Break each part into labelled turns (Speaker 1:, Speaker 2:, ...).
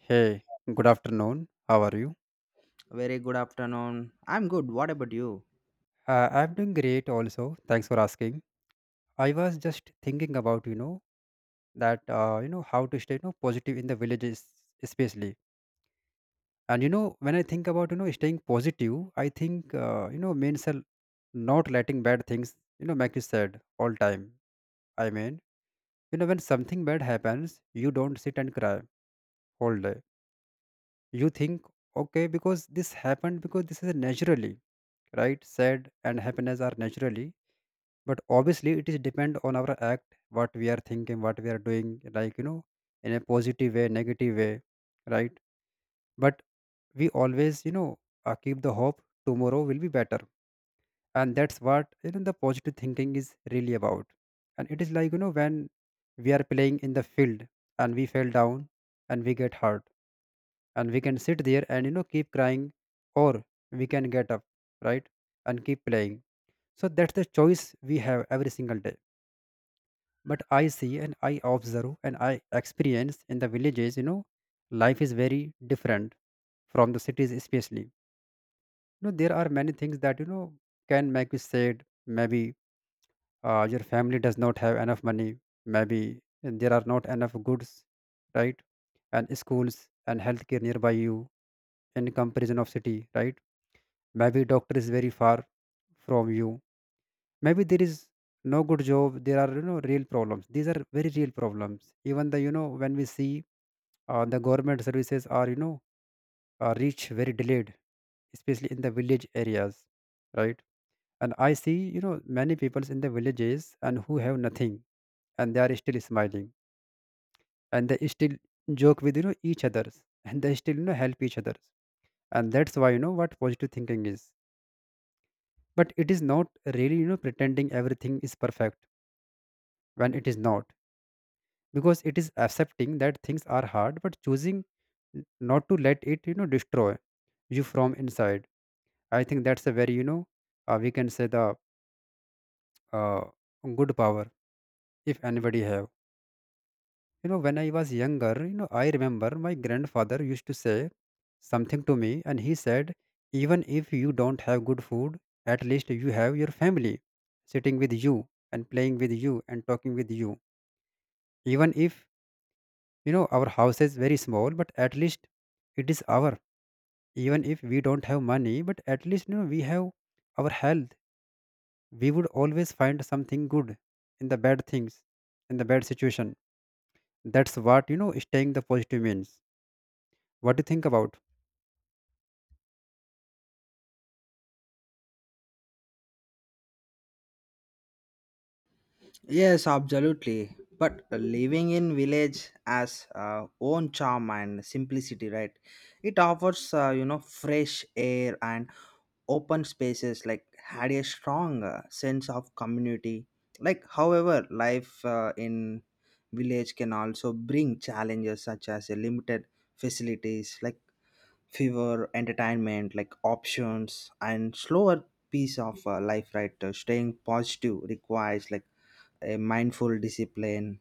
Speaker 1: Hey, good afternoon. How are you?
Speaker 2: Very good afternoon. I'm good. What about you?
Speaker 1: I'm doing great also. Thanks for asking. I was just thinking about, you know, that, how to stay, you know, positive in the villages, especially. And when I think about, you know, staying positive, I think, you know, means not letting bad things, you know, make you sad all time. I mean, when something bad happens, you don't sit and cry all day. You think, okay, because this happened because this is naturally, right? Sad and happiness are naturally, but obviously it is depend on our act, what we are thinking, what we are doing, like, in a positive way, negative way, right? But we always, keep the hope tomorrow will be better. And that's what the positive thinking is really about. And it is like, when we are playing in the field, and we fell down and we get hurt, and we can sit there and, keep crying, or we can get up, right, and keep playing. So that's the choice we have every single day. But I see, and I observe, and I experience in the villages, life is very different from the cities. Especially, there are many things that, can make you sad. Maybe your family does not have enough money. Maybe there are not enough goods, right? And schools and healthcare nearby you, in comparison of city, right? Maybe doctor is very far from you. Maybe there is no good job. There are real problems. These are very real problems, even the when we see the government services are reach very delayed, especially in the village areas, right? And I see, many people in the villages and who have nothing, and they are still smiling, and they still joke with each others and they still help each others. And that's why what positive thinking is. But it is not really pretending everything is perfect when it is not. Because it is accepting that things are hard, but choosing not to let it destroy you from inside. I think that's a very we can say the uh, good power if anybody have. When I was younger, I remember my grandfather used to say something to me, and he said, even if you don't have good food, at least you have your family sitting with you and playing with you and talking with you. Even if our house is very small, but at least it is our. Even if we don't have money, but at least we have our health. We would always find something good in the bad things, in the bad situation. That's what staying the positive means. What do you think about?
Speaker 2: Yes, absolutely. But living in village has own charm and simplicity, right? It offers, fresh air and open spaces. Like had a strong sense of community. Like, however, life in village can also bring challenges such as a limited facilities, like fever, entertainment, like options, and slower piece of life, right? Staying positive requires like a mindful discipline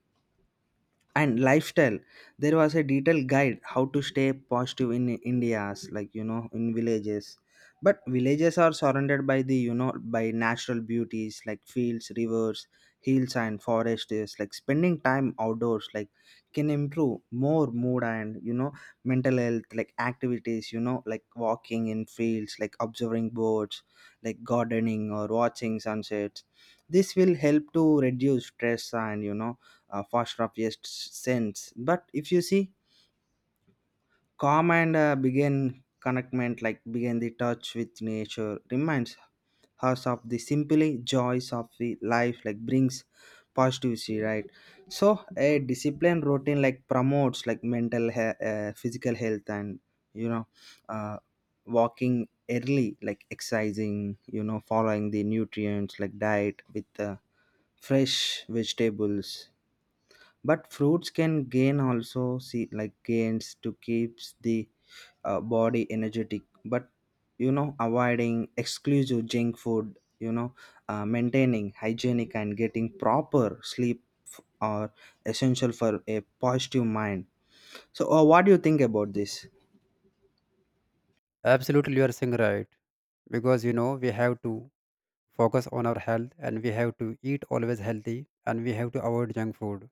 Speaker 2: and lifestyle. There was a detailed guide how to stay positive in India's, like you know, in villages. But villages are surrounded by the, you know, by natural beauties like fields, rivers, hills and forests. Like spending time outdoors like can improve more mood and, you know, mental health. Like activities, you know, like walking in fields, like observing birds, like gardening or watching sunsets. This will help to reduce stress and, you know, first obvious sense. But if you see calm and, begin connectment, like begin the touch with nature, reminds us of the simply joys of the life, like brings positivity, right? So a disciplined routine like promotes like mental physical health and, you know, uh, walking early, like exercising, you know, following the nutrients like diet with fresh vegetables but fruits can gain also see like gains to keeps the body energetic. But you know avoiding exclusive junk food, you know, maintaining hygienic and getting proper sleep are essential for a positive mind. So what do you think about this?
Speaker 1: Absolutely, you are saying right. Because we have to focus on our health, and we have to eat always healthy, and we have to avoid junk food.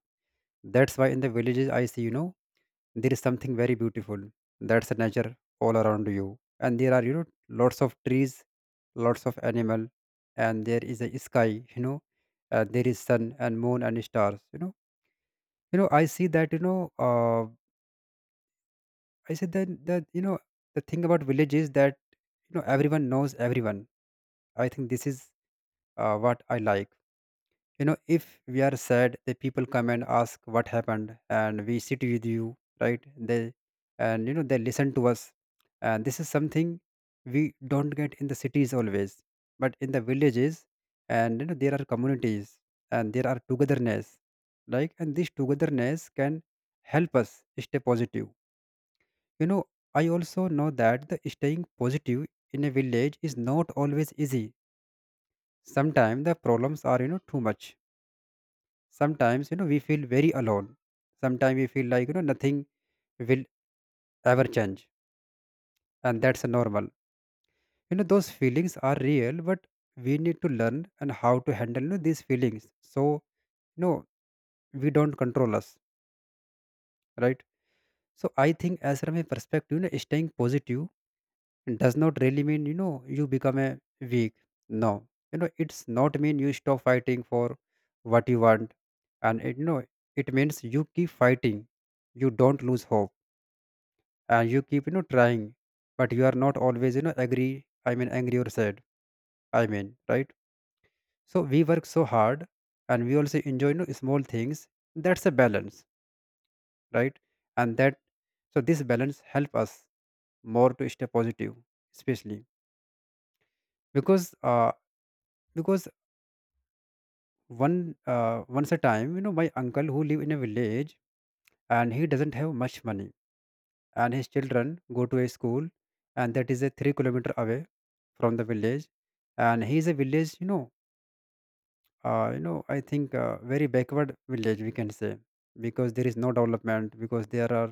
Speaker 1: That's why in the villages I see, there is something very beautiful. That's the nature all around you, and there are lots of trees, lots of animal, and there is a sky. you know there is sun and moon and stars. I see that, I see that the thing about village is that, everyone knows everyone. I think this is what I like. If we are sad, the people come and ask what happened and we sit with you, right? They, and they listen to us. And this is something we don't get in the cities always, but in the villages. And there are communities, and there are togetherness. Like, and this togetherness can help us stay positive you know I also know that the staying positive in a village is not always easy. Sometimes the problems are too much. Sometimes we feel very alone. Sometimes we feel like nothing will ever change. And that's normal. Those feelings are real, but we need to learn and how to handle these feelings. So you know we don't control us, right? So I think, as from a perspective, staying positive does not really mean you become a weak. No, it's not mean you stop fighting for what you want. And it means you keep fighting. You don't lose hope, and you keep trying. But you are not always agree. I mean angry or sad, I mean, right? So we work so hard, and we also enjoy small things. That's a balance, right? And that. So this balance help us more to stay positive. Especially because uh because one once a time, my uncle who live in a village. And he doesn't have much money. And his children go to a school, and that is a 3 kilometer away from the village. And he is a village, I think very backward village, we can say. Because there is no development. Because there are,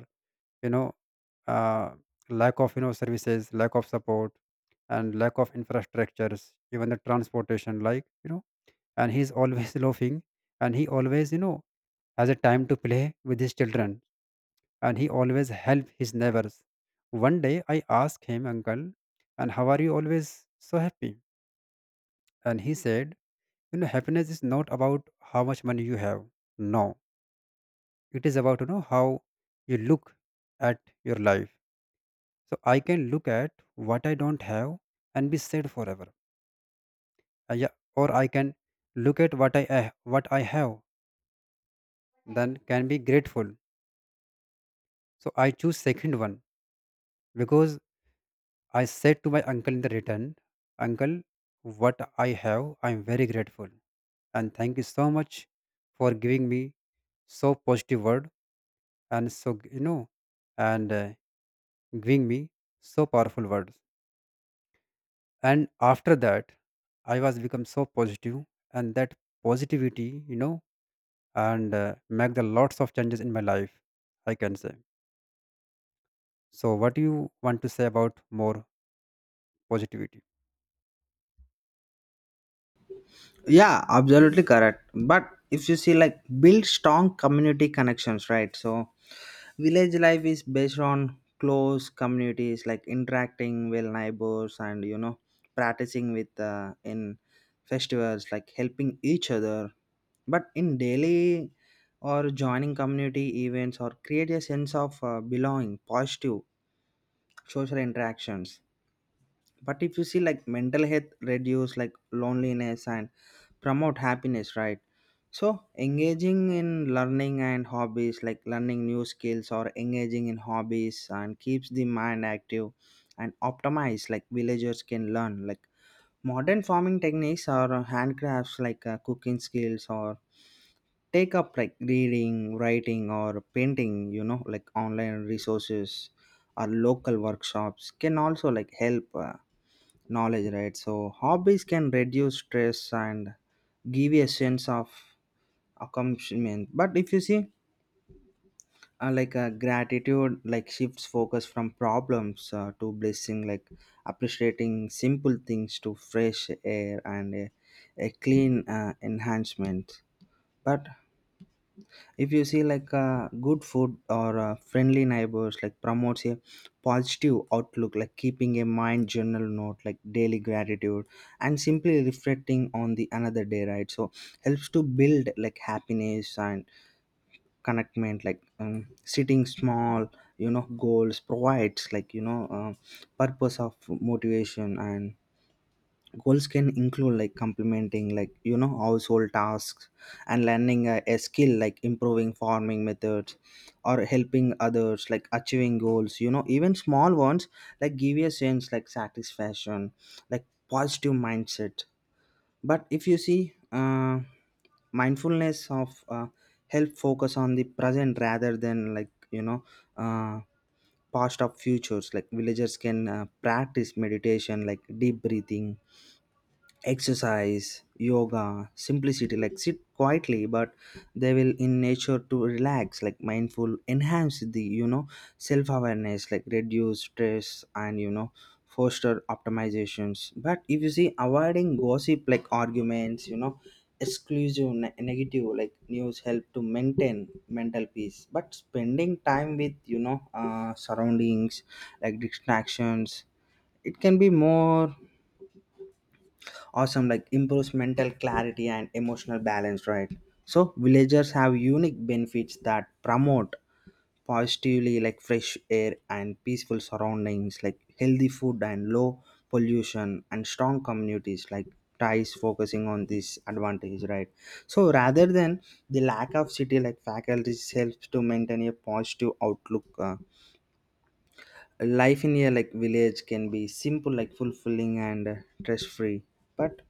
Speaker 1: you know uh, lack of services, lack of support, and lack of infrastructures, even the transportation, like. And he's always laughing. And he always has a time to play with his children. And he always help his neighbors. One day I asked him, Uncle, and how are you always so happy? And he said, happiness is not about how much money you have. No. It is about, how you look at your life. So I can look at what I don't have and be sad forever. Yeah, or I can look at what I have, then can be grateful. So I choose second one. Because I said to my uncle in the return, Uncle, what I have, I am very grateful. And thank you so much for giving me so positive word, and so, you know, and giving me so powerful words. And after that, I was become so positive, and that positivity, you know, and make the lots of changes in my life, I can say. So what do you want to say about more positivity?
Speaker 2: Yeah, absolutely correct. But if you see, like, build strong community connections, right? So village life is based on close communities like interacting with neighbors and, you know, practicing with in festivals, like helping each other. But in daily or joining community events or create a sense of belonging, positive social interactions. But if you see, like, mental health reduce like loneliness and promote happiness, right? So engaging in learning and hobbies, like learning new skills or engaging in hobbies and keeps the mind active and optimized. Like villagers can learn like modern farming techniques or handcrafts like cooking skills or take up like reading, writing or painting, you know, like online resources or local workshops can also like help knowledge, right? So hobbies can reduce stress and give you a sense of accomplishment. But if you see, like gratitude like shifts focus from problems to blessing, like appreciating simple things to fresh air and a clean enhancement. But if you see like good food or friendly neighbors like promotes a positive outlook, like keeping a mind journal note, like daily gratitude and simply reflecting on the another day, right? So helps to build like happiness and connectment. Like sitting small, you know, goals provides like, you know, purpose of motivation and goals can include like complementing, like, you know, household tasks and learning a skill like improving farming methods or helping others, like achieving goals, you know, even small ones, like give you a sense like satisfaction, like positive mindset. But if you see, mindfulness of help focus on the present rather than, like, you know, uh, past of futures. Like villagers can practice meditation, like deep breathing exercise, yoga, simplicity, like sit quietly, but they will in nature to relax, like mindful enhance the, you know, self-awareness, like reduce stress and, you know, foster optimizations. But if you see avoiding gossip, like arguments, you know, exclusive negative like news help to maintain mental peace. But spending time with, you know, surroundings, like distractions, it can be more awesome, like improves mental clarity and emotional balance, right? So villagers have unique benefits that promote positively, like fresh air and peaceful surroundings, like healthy food and low pollution and strong communities like ties, focusing on this advantage, right? So rather than the lack of city like faculties, helps to maintain a positive outlook. Life in a like village can be simple, like fulfilling and stress free. But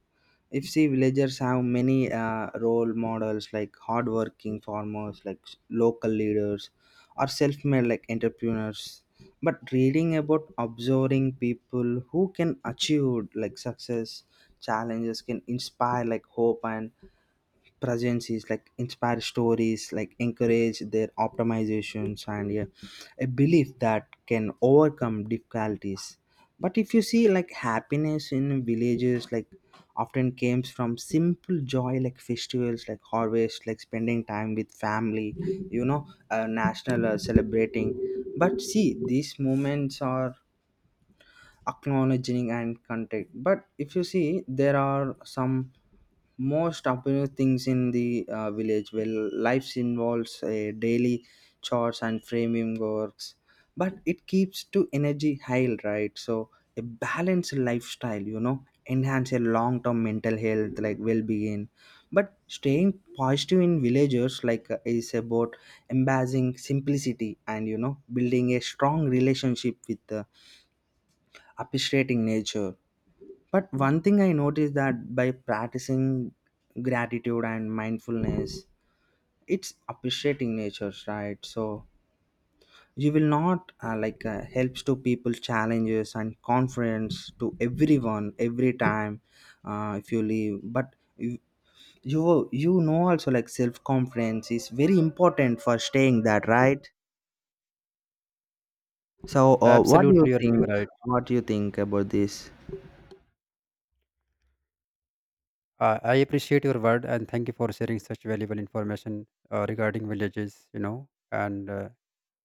Speaker 2: if see, villagers have many role models, like hardworking farmers, like local leaders or self-made like entrepreneurs. But reading about observing people who can achieve like success challenges can inspire like hope, and presence is like inspire stories, like encourage their optimizations, and yeah, a belief that can overcome difficulties. But if you see, like happiness in villages like often comes from simple joy, like festivals, like harvest, like spending time with family, you know, national celebrating. But see, these moments are acknowledging and contact. But if you see, there are some most popular things in the village where life involves a daily chores and framing works, but it keeps to energy high, right? So a balanced lifestyle, you know, enhance a long-term mental health, like well-being. But staying positive in villagers like is about embracing simplicity and, you know, building a strong relationship with, appreciating nature. But one thing I noticed that by practicing gratitude and mindfulness, it's appreciating nature, right? So you will not like helps to people's challenges and confidence to everyone every time if you leave. But you know also, like self confidence is very important for staying that, right? So what do you
Speaker 1: Absolutely, you're
Speaker 2: think?
Speaker 1: saying right.
Speaker 2: What do you think about this?
Speaker 1: I appreciate your word and thank you for sharing such valuable information regarding villages, and uh,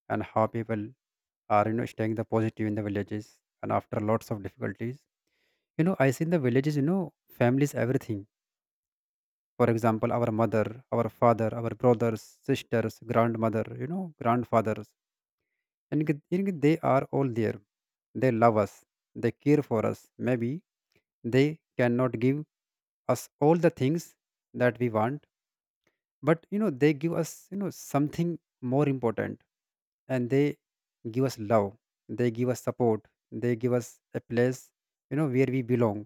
Speaker 1: and how people are, staying the positive in the villages and after lots of difficulties. I see in the villages, families, everything. For example, our mother, our father, our brothers, sisters, grandmother, grandfathers, and they are all there. They love us. They care for us. Maybe they cannot give us all the things that we want, but they give us something more important. And they give us love. They give us support. They give us a place where we belong.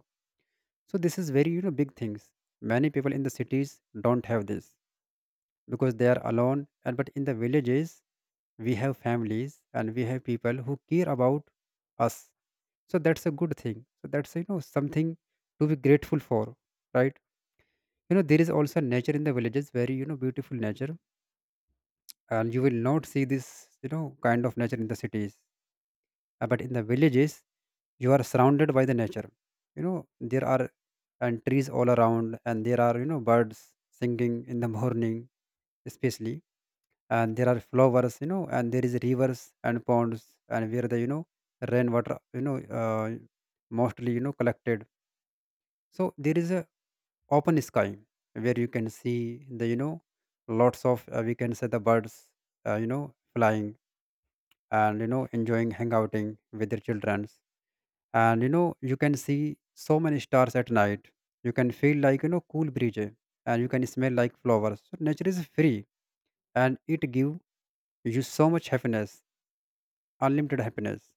Speaker 1: So this is very big things. Many people in the cities don't have this because they are alone. And but in the villages, we have families, and we have people who care about us. So that's a good thing. So that's something to be grateful for, right? There is also nature in the villages, very beautiful nature. And you will not see this kind of nature in the cities. But in the villages, you are surrounded by the nature. you know there are and trees all around, and there are birds singing in the morning, especially. And there are flowers, and there is rivers and ponds, and where the rainwater mostly collected. So there is a open sky where you can see the lots of we can say the birds, uh, you know flying, and enjoying hangouting with their childrens. And you can see so many stars at night. You can feel like, cool breeze, and you can smell like flowers. So nature is free. And it give you so much happiness, unlimited happiness.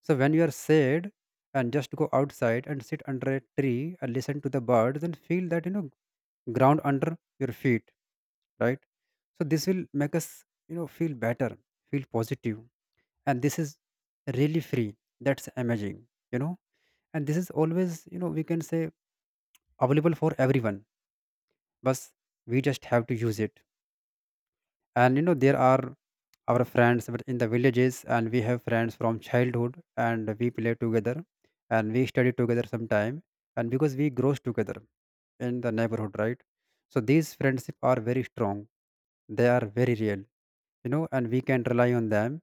Speaker 1: So when you are sad, and just go outside and sit under a tree and listen to the birds and feel that ground under your feet, right? So this will make us feel better, feel positive. And this is really free. That's amazing you know and this is always, we can say, available for everyone. But we just have to use it. And there are our friends but in the villages, and we have friends from childhood, and we play together, and we study together sometime, and because we grows together in the neighborhood, right? So these friendship are very strong. They are very real, and we can rely on them.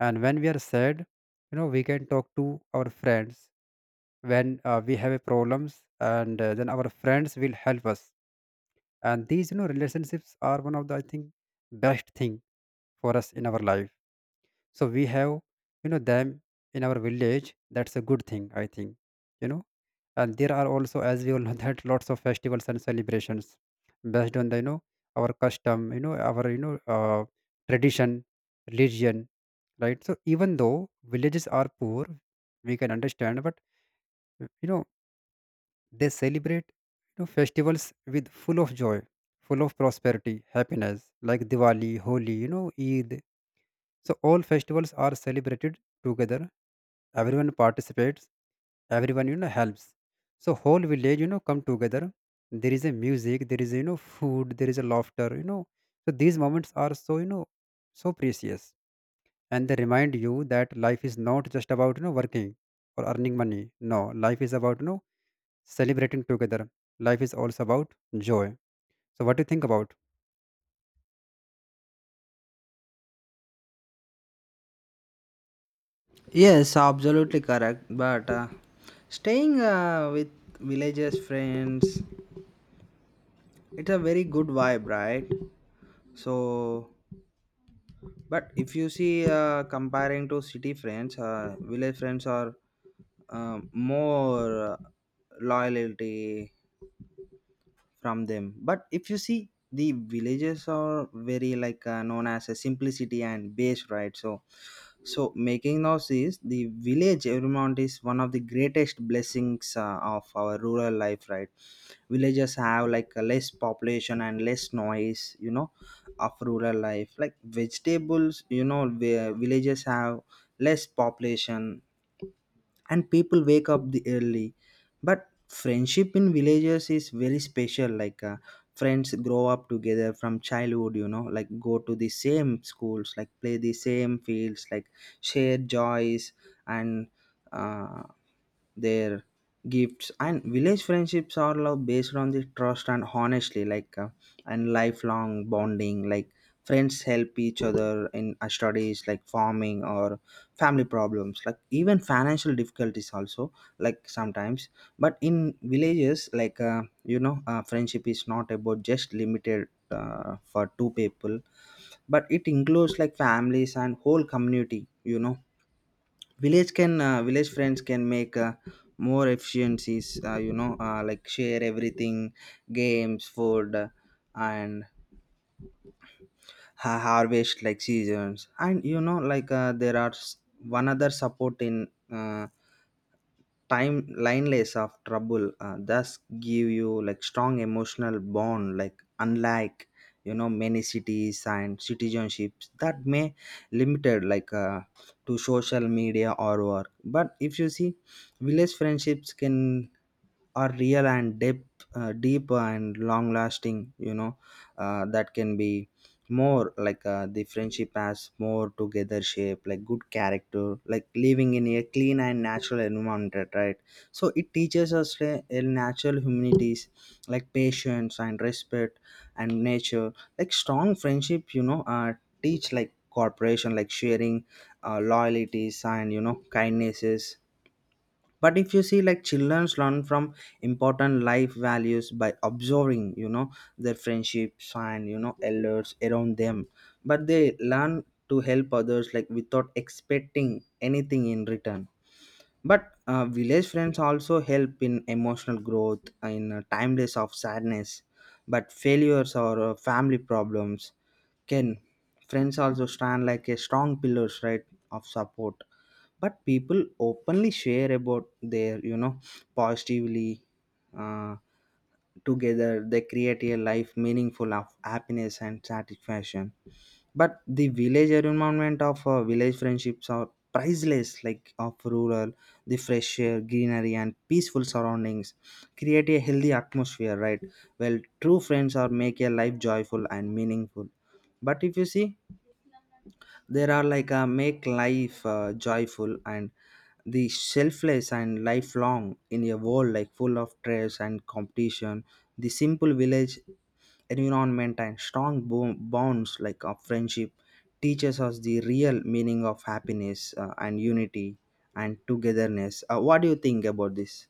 Speaker 1: And when we are sad, we can talk to our friends when we have a problems, and then our friends will help us. And these relationships are one of the I think best thing for us in our life. So we have, them in our village. That's a good thing I think, you know. And there are also, as we all know, that lots of festivals and celebrations based on the our custom, our tradition, religion, right? So even though villages are poor, we can understand, but you know they celebrate festivals with full of joy, full of prosperity, happiness, like Diwali, Holi, Eid. So all festivals are celebrated together. Everyone participates, everyone helps, so whole village come together. There is a music, there is food, there is a laughter, so these moments are so, so precious, and they remind you that life is not just about working or earning money. No, life is about celebrating together. Life is also about joy. So what do you think about?
Speaker 2: Yes, absolutely correct. But staying with villagers, friends, it's a very good vibe, right? So, but if you see, comparing to city friends, village friends are more loyalty from them. But if you see, the villages are very like known as a simplicity and base, right? So so making noise is the village environment is one of the greatest blessings of our rural life, right? Villages have like a less population and less noise, you know, of rural life, like vegetables, you know, villages have less population and people wake up the early. But friendship in villages is very special, like friends grow up together from childhood, you know, like go to the same schools, like play the same fields, like share joys and uh, their gifts. And village friendships are love based on the trust and honestly, like and lifelong bonding. Like friends help each other in studies, like farming or family problems, like even financial difficulties also, like sometimes. But in villages, like you know, friendship is not about just limited for two people, but it includes like families and whole community, you know. Village friends can make more efficiencies, you know, like share everything: games, food, and harvest like seasons. And, you know, like there are one other support in time lineless of trouble, thus give you like strong emotional bond, like unlike, you know, many cities and citizenships that may limited like to social media or work. But if you see, village friendships can are real and deep, deep and long lasting. You know, that can be more like, the friendship has more together shape, like good character, like living in a clean and natural environment, right? So it teaches us a natural humanities, like patience and respect and nature, like strong friendship. You know, teach like cooperation, like sharing, loyalties and, you know, kindnesses. But if you see, like childrens learn from important life values by observing, you know, their friendships and, you know, elders around them. But they learn to help others like without expecting anything in return. But village friends also help in emotional growth in time days of sadness, but failures or family problems can. Friends also stand like a strong pillars, right, of support. But people openly share about their, you know, positively, uh, together they create a life meaningful of happiness and satisfaction. But the village environment of village friendships are priceless, like of rural, the fresh air, greenery and peaceful surroundings create a healthy atmosphere, right? Well, true friends are make a life joyful and meaningful. But if you see, there are like a make life joyful and the selfless and lifelong. In a world like full of stress and competition, the simple village environment and strong bonds like of friendship teaches us the real meaning of happiness and unity and togetherness. What do you think about this?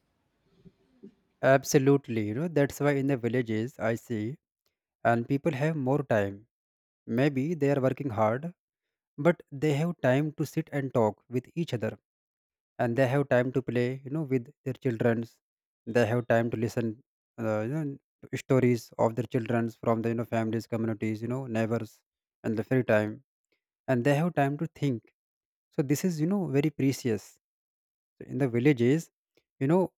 Speaker 1: Absolutely, that's why in the villages I see, and people have more time. Maybe they are working hard, but they have time to sit and talk with each other, and they have time to play with their childrens. They have time to listen, uh, you know to stories of their childrens from the families, communities, neighbors, and the free time, and they have time to think. So this is very precious. So in the villages, you know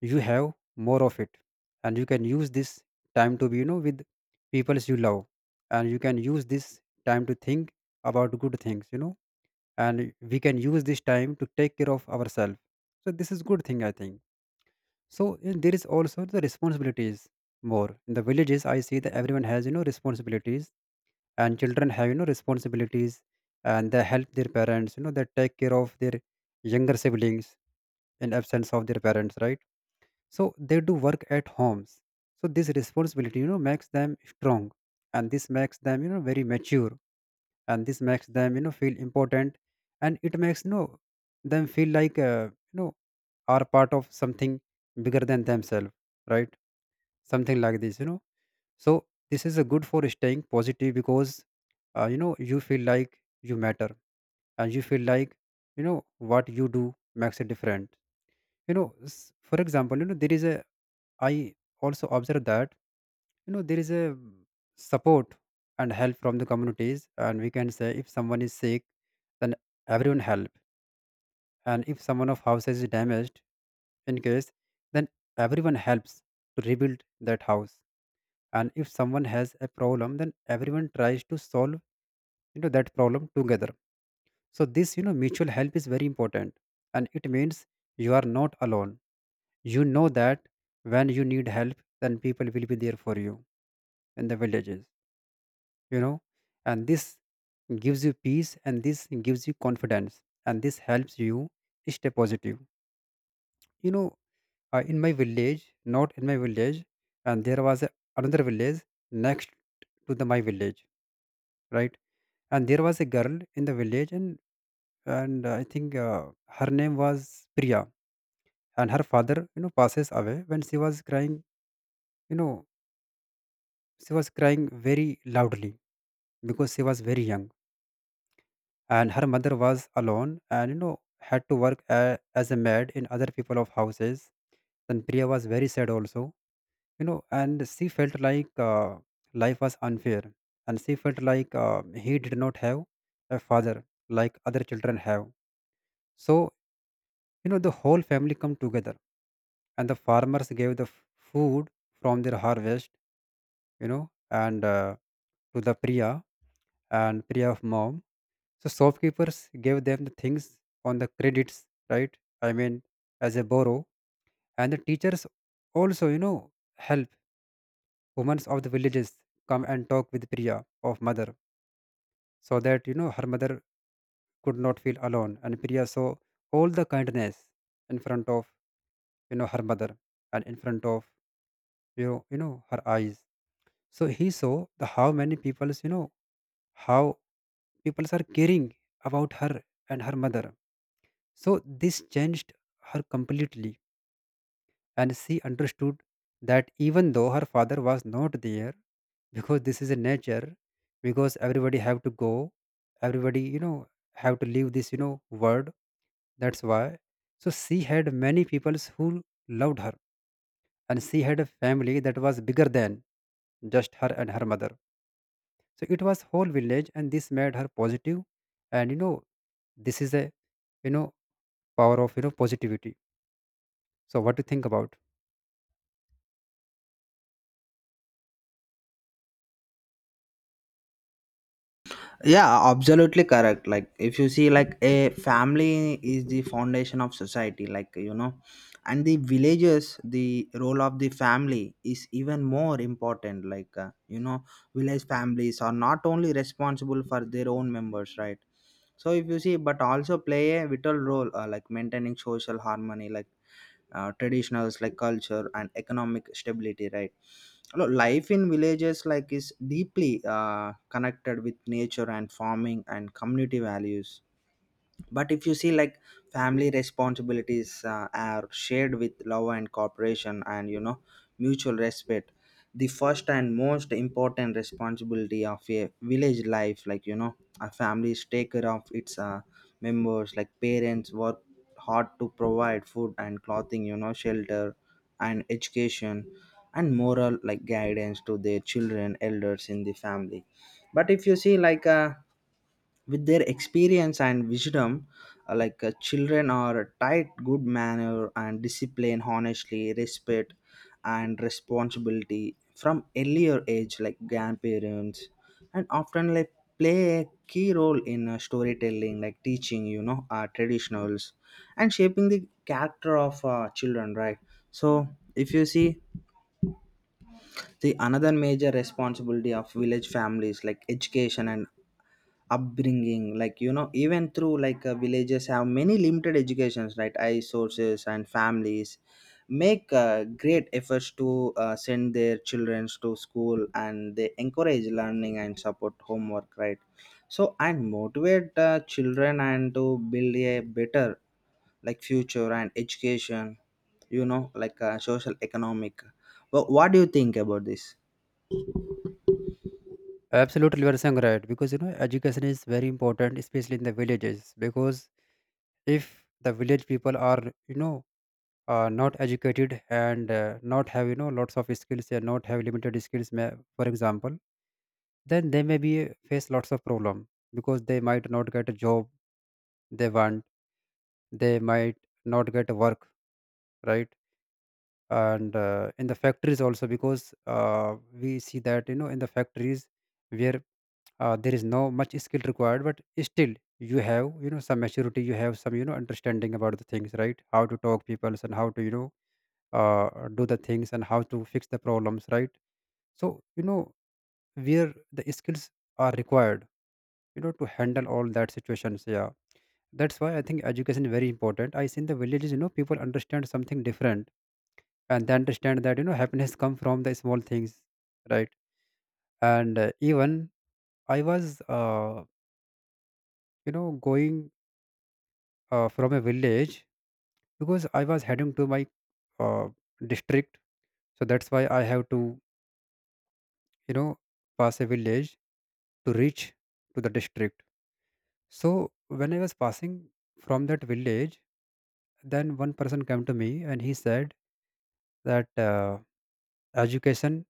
Speaker 1: you have more of it, and you can use this time to be with peoples you love, and you can use this time to think about good things, you know, and we can use this time to take care of ourselves. So this is good thing, I think. So and there is also the responsibilities more in the villages. I see that everyone has responsibilities, and children have responsibilities, and they help their parents. You know, they take care of their younger siblings in absence of their parents, right? So they do work at homes, so this responsibility makes them strong, and this makes them very mature, and this makes them feel important, and it makes them feel like are part of something bigger than themselves, right? Something like this, you know. So this is a good for staying positive because you feel like you matter, and you feel like what you do makes a difference. For example, there is a I also observe that there is a support and help from the communities, and we can say if someone is sick, then everyone help, and if someone of house is damaged, in case, then everyone helps to rebuild that house, and if someone has a problem, then everyone tries to solve that problem together. So this mutual help is very important, and it means you are not alone. You know that when you need help, then people will be there for you in the villages, you know. And this gives you peace, and this gives you confidence, and this helps you stay positive, you know. In my village, not in my village, and there was a, another village next to the my village, right? And there was a girl in the village, and I think her name was Priya. And her father passes away when she was crying. You know, she was crying very loudly because she was very young, and her mother was alone, and had to work as a maid in other people of houses. Then Priya was very sad also, and she felt like life was unfair, and she felt like he did not have a father like other children have. So the whole family come together, and the farmers gave the food from their harvest, you know and to the Priya and Priya of mom. So shopkeepers gave them the things on the credits, right? I mean, as a borrow. And the teachers also, help women of the villages come and talk with Priya of mother so that, her mother could not feel alone. And Priya saw all the kindness in front of, her mother and in front of, her eyes. So he saw the how many people's, how peoples are caring about her and her mother. So this changed her completely, and she understood that even though her father was not there, because this is a nature, because everybody have to go, everybody have to leave this world. That's why. So she had many peoples who loved her, and she had a family that was bigger than just her and her mother. So it was whole village, and this made her positive, and this is a you know power of positivity. So what do you think about?
Speaker 2: Yeah, absolutely correct. Like if you see, like a family is the foundation of society, like, you know, and the villages, the role of the family is even more important, like, you know, village families are not only responsible for their own members, right? So if you see, but also play a vital role like maintaining social harmony, like traditionals, like culture and economic stability, right? Life in villages like is deeply connected with nature and farming and community values. But if you see, like family responsibilities are shared with love and cooperation and, you know, mutual respect. The first and most important responsibility of a village life, like, you know, a family's take care of its members, like parents work hard to provide food and clothing, you know, shelter and education and moral like guidance to their children. Elders in the family, but if you see, like with their experience and wisdom, like children are tight good manner and discipline, honestly, respect and responsibility from earlier age. Like grandparents and often like play a key role in storytelling, like teaching, you know, traditionals and shaping the character of children, right? So if you see, the another major responsibility of village families like education and upbringing, like, you know, even through, like villages have many limited educations, right, I sources, and families make great efforts to send their children to school, and they encourage learning and support homework, right? So and motivate children and to build a better like future and education, you know, like social economic. Well, what do you think about this?
Speaker 1: Absolutely, you are saying right because education is very important, especially in the villages. Because if the village people are not educated and not have lots of skills and not have limited skills, may, for example, then they may be face lots of problem because they might not get a job they want, they might not get work, right? And in the factories also because we see that in the factories where there is no much skill required, but still you have some maturity, you have some understanding about the things, right? How to talk people and how to do the things and how to fix the problems, right? So where the skills are required, to handle all that situations, yeah. That's why I think education is very important. I see in the villages people understand something different, and they understand that happiness come from the small things, right. And even I was going from a village because I was heading to my uh, district. So that's why I have to, you know, pass a village to reach to the district. So when I was passing from that village, then one person came to me and he said that education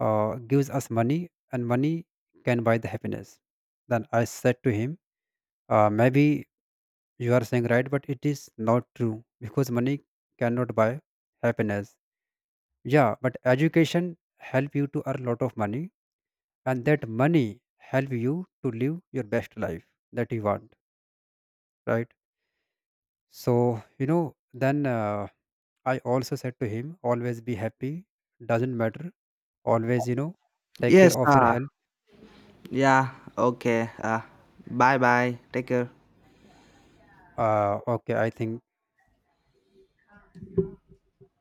Speaker 1: gives us money, and money can buy the happiness. Then I said to him, maybe you are saying right, but it is not true because money cannot buy happiness. Yeah, but education help you to earn lot of money, and that money help you to live your best life that you want, right? So then I also said to him, always be happy, doesn't matter, always take
Speaker 2: Yes,
Speaker 1: care of your health,
Speaker 2: yeah, okay, bye bye, take care.
Speaker 1: okay, I think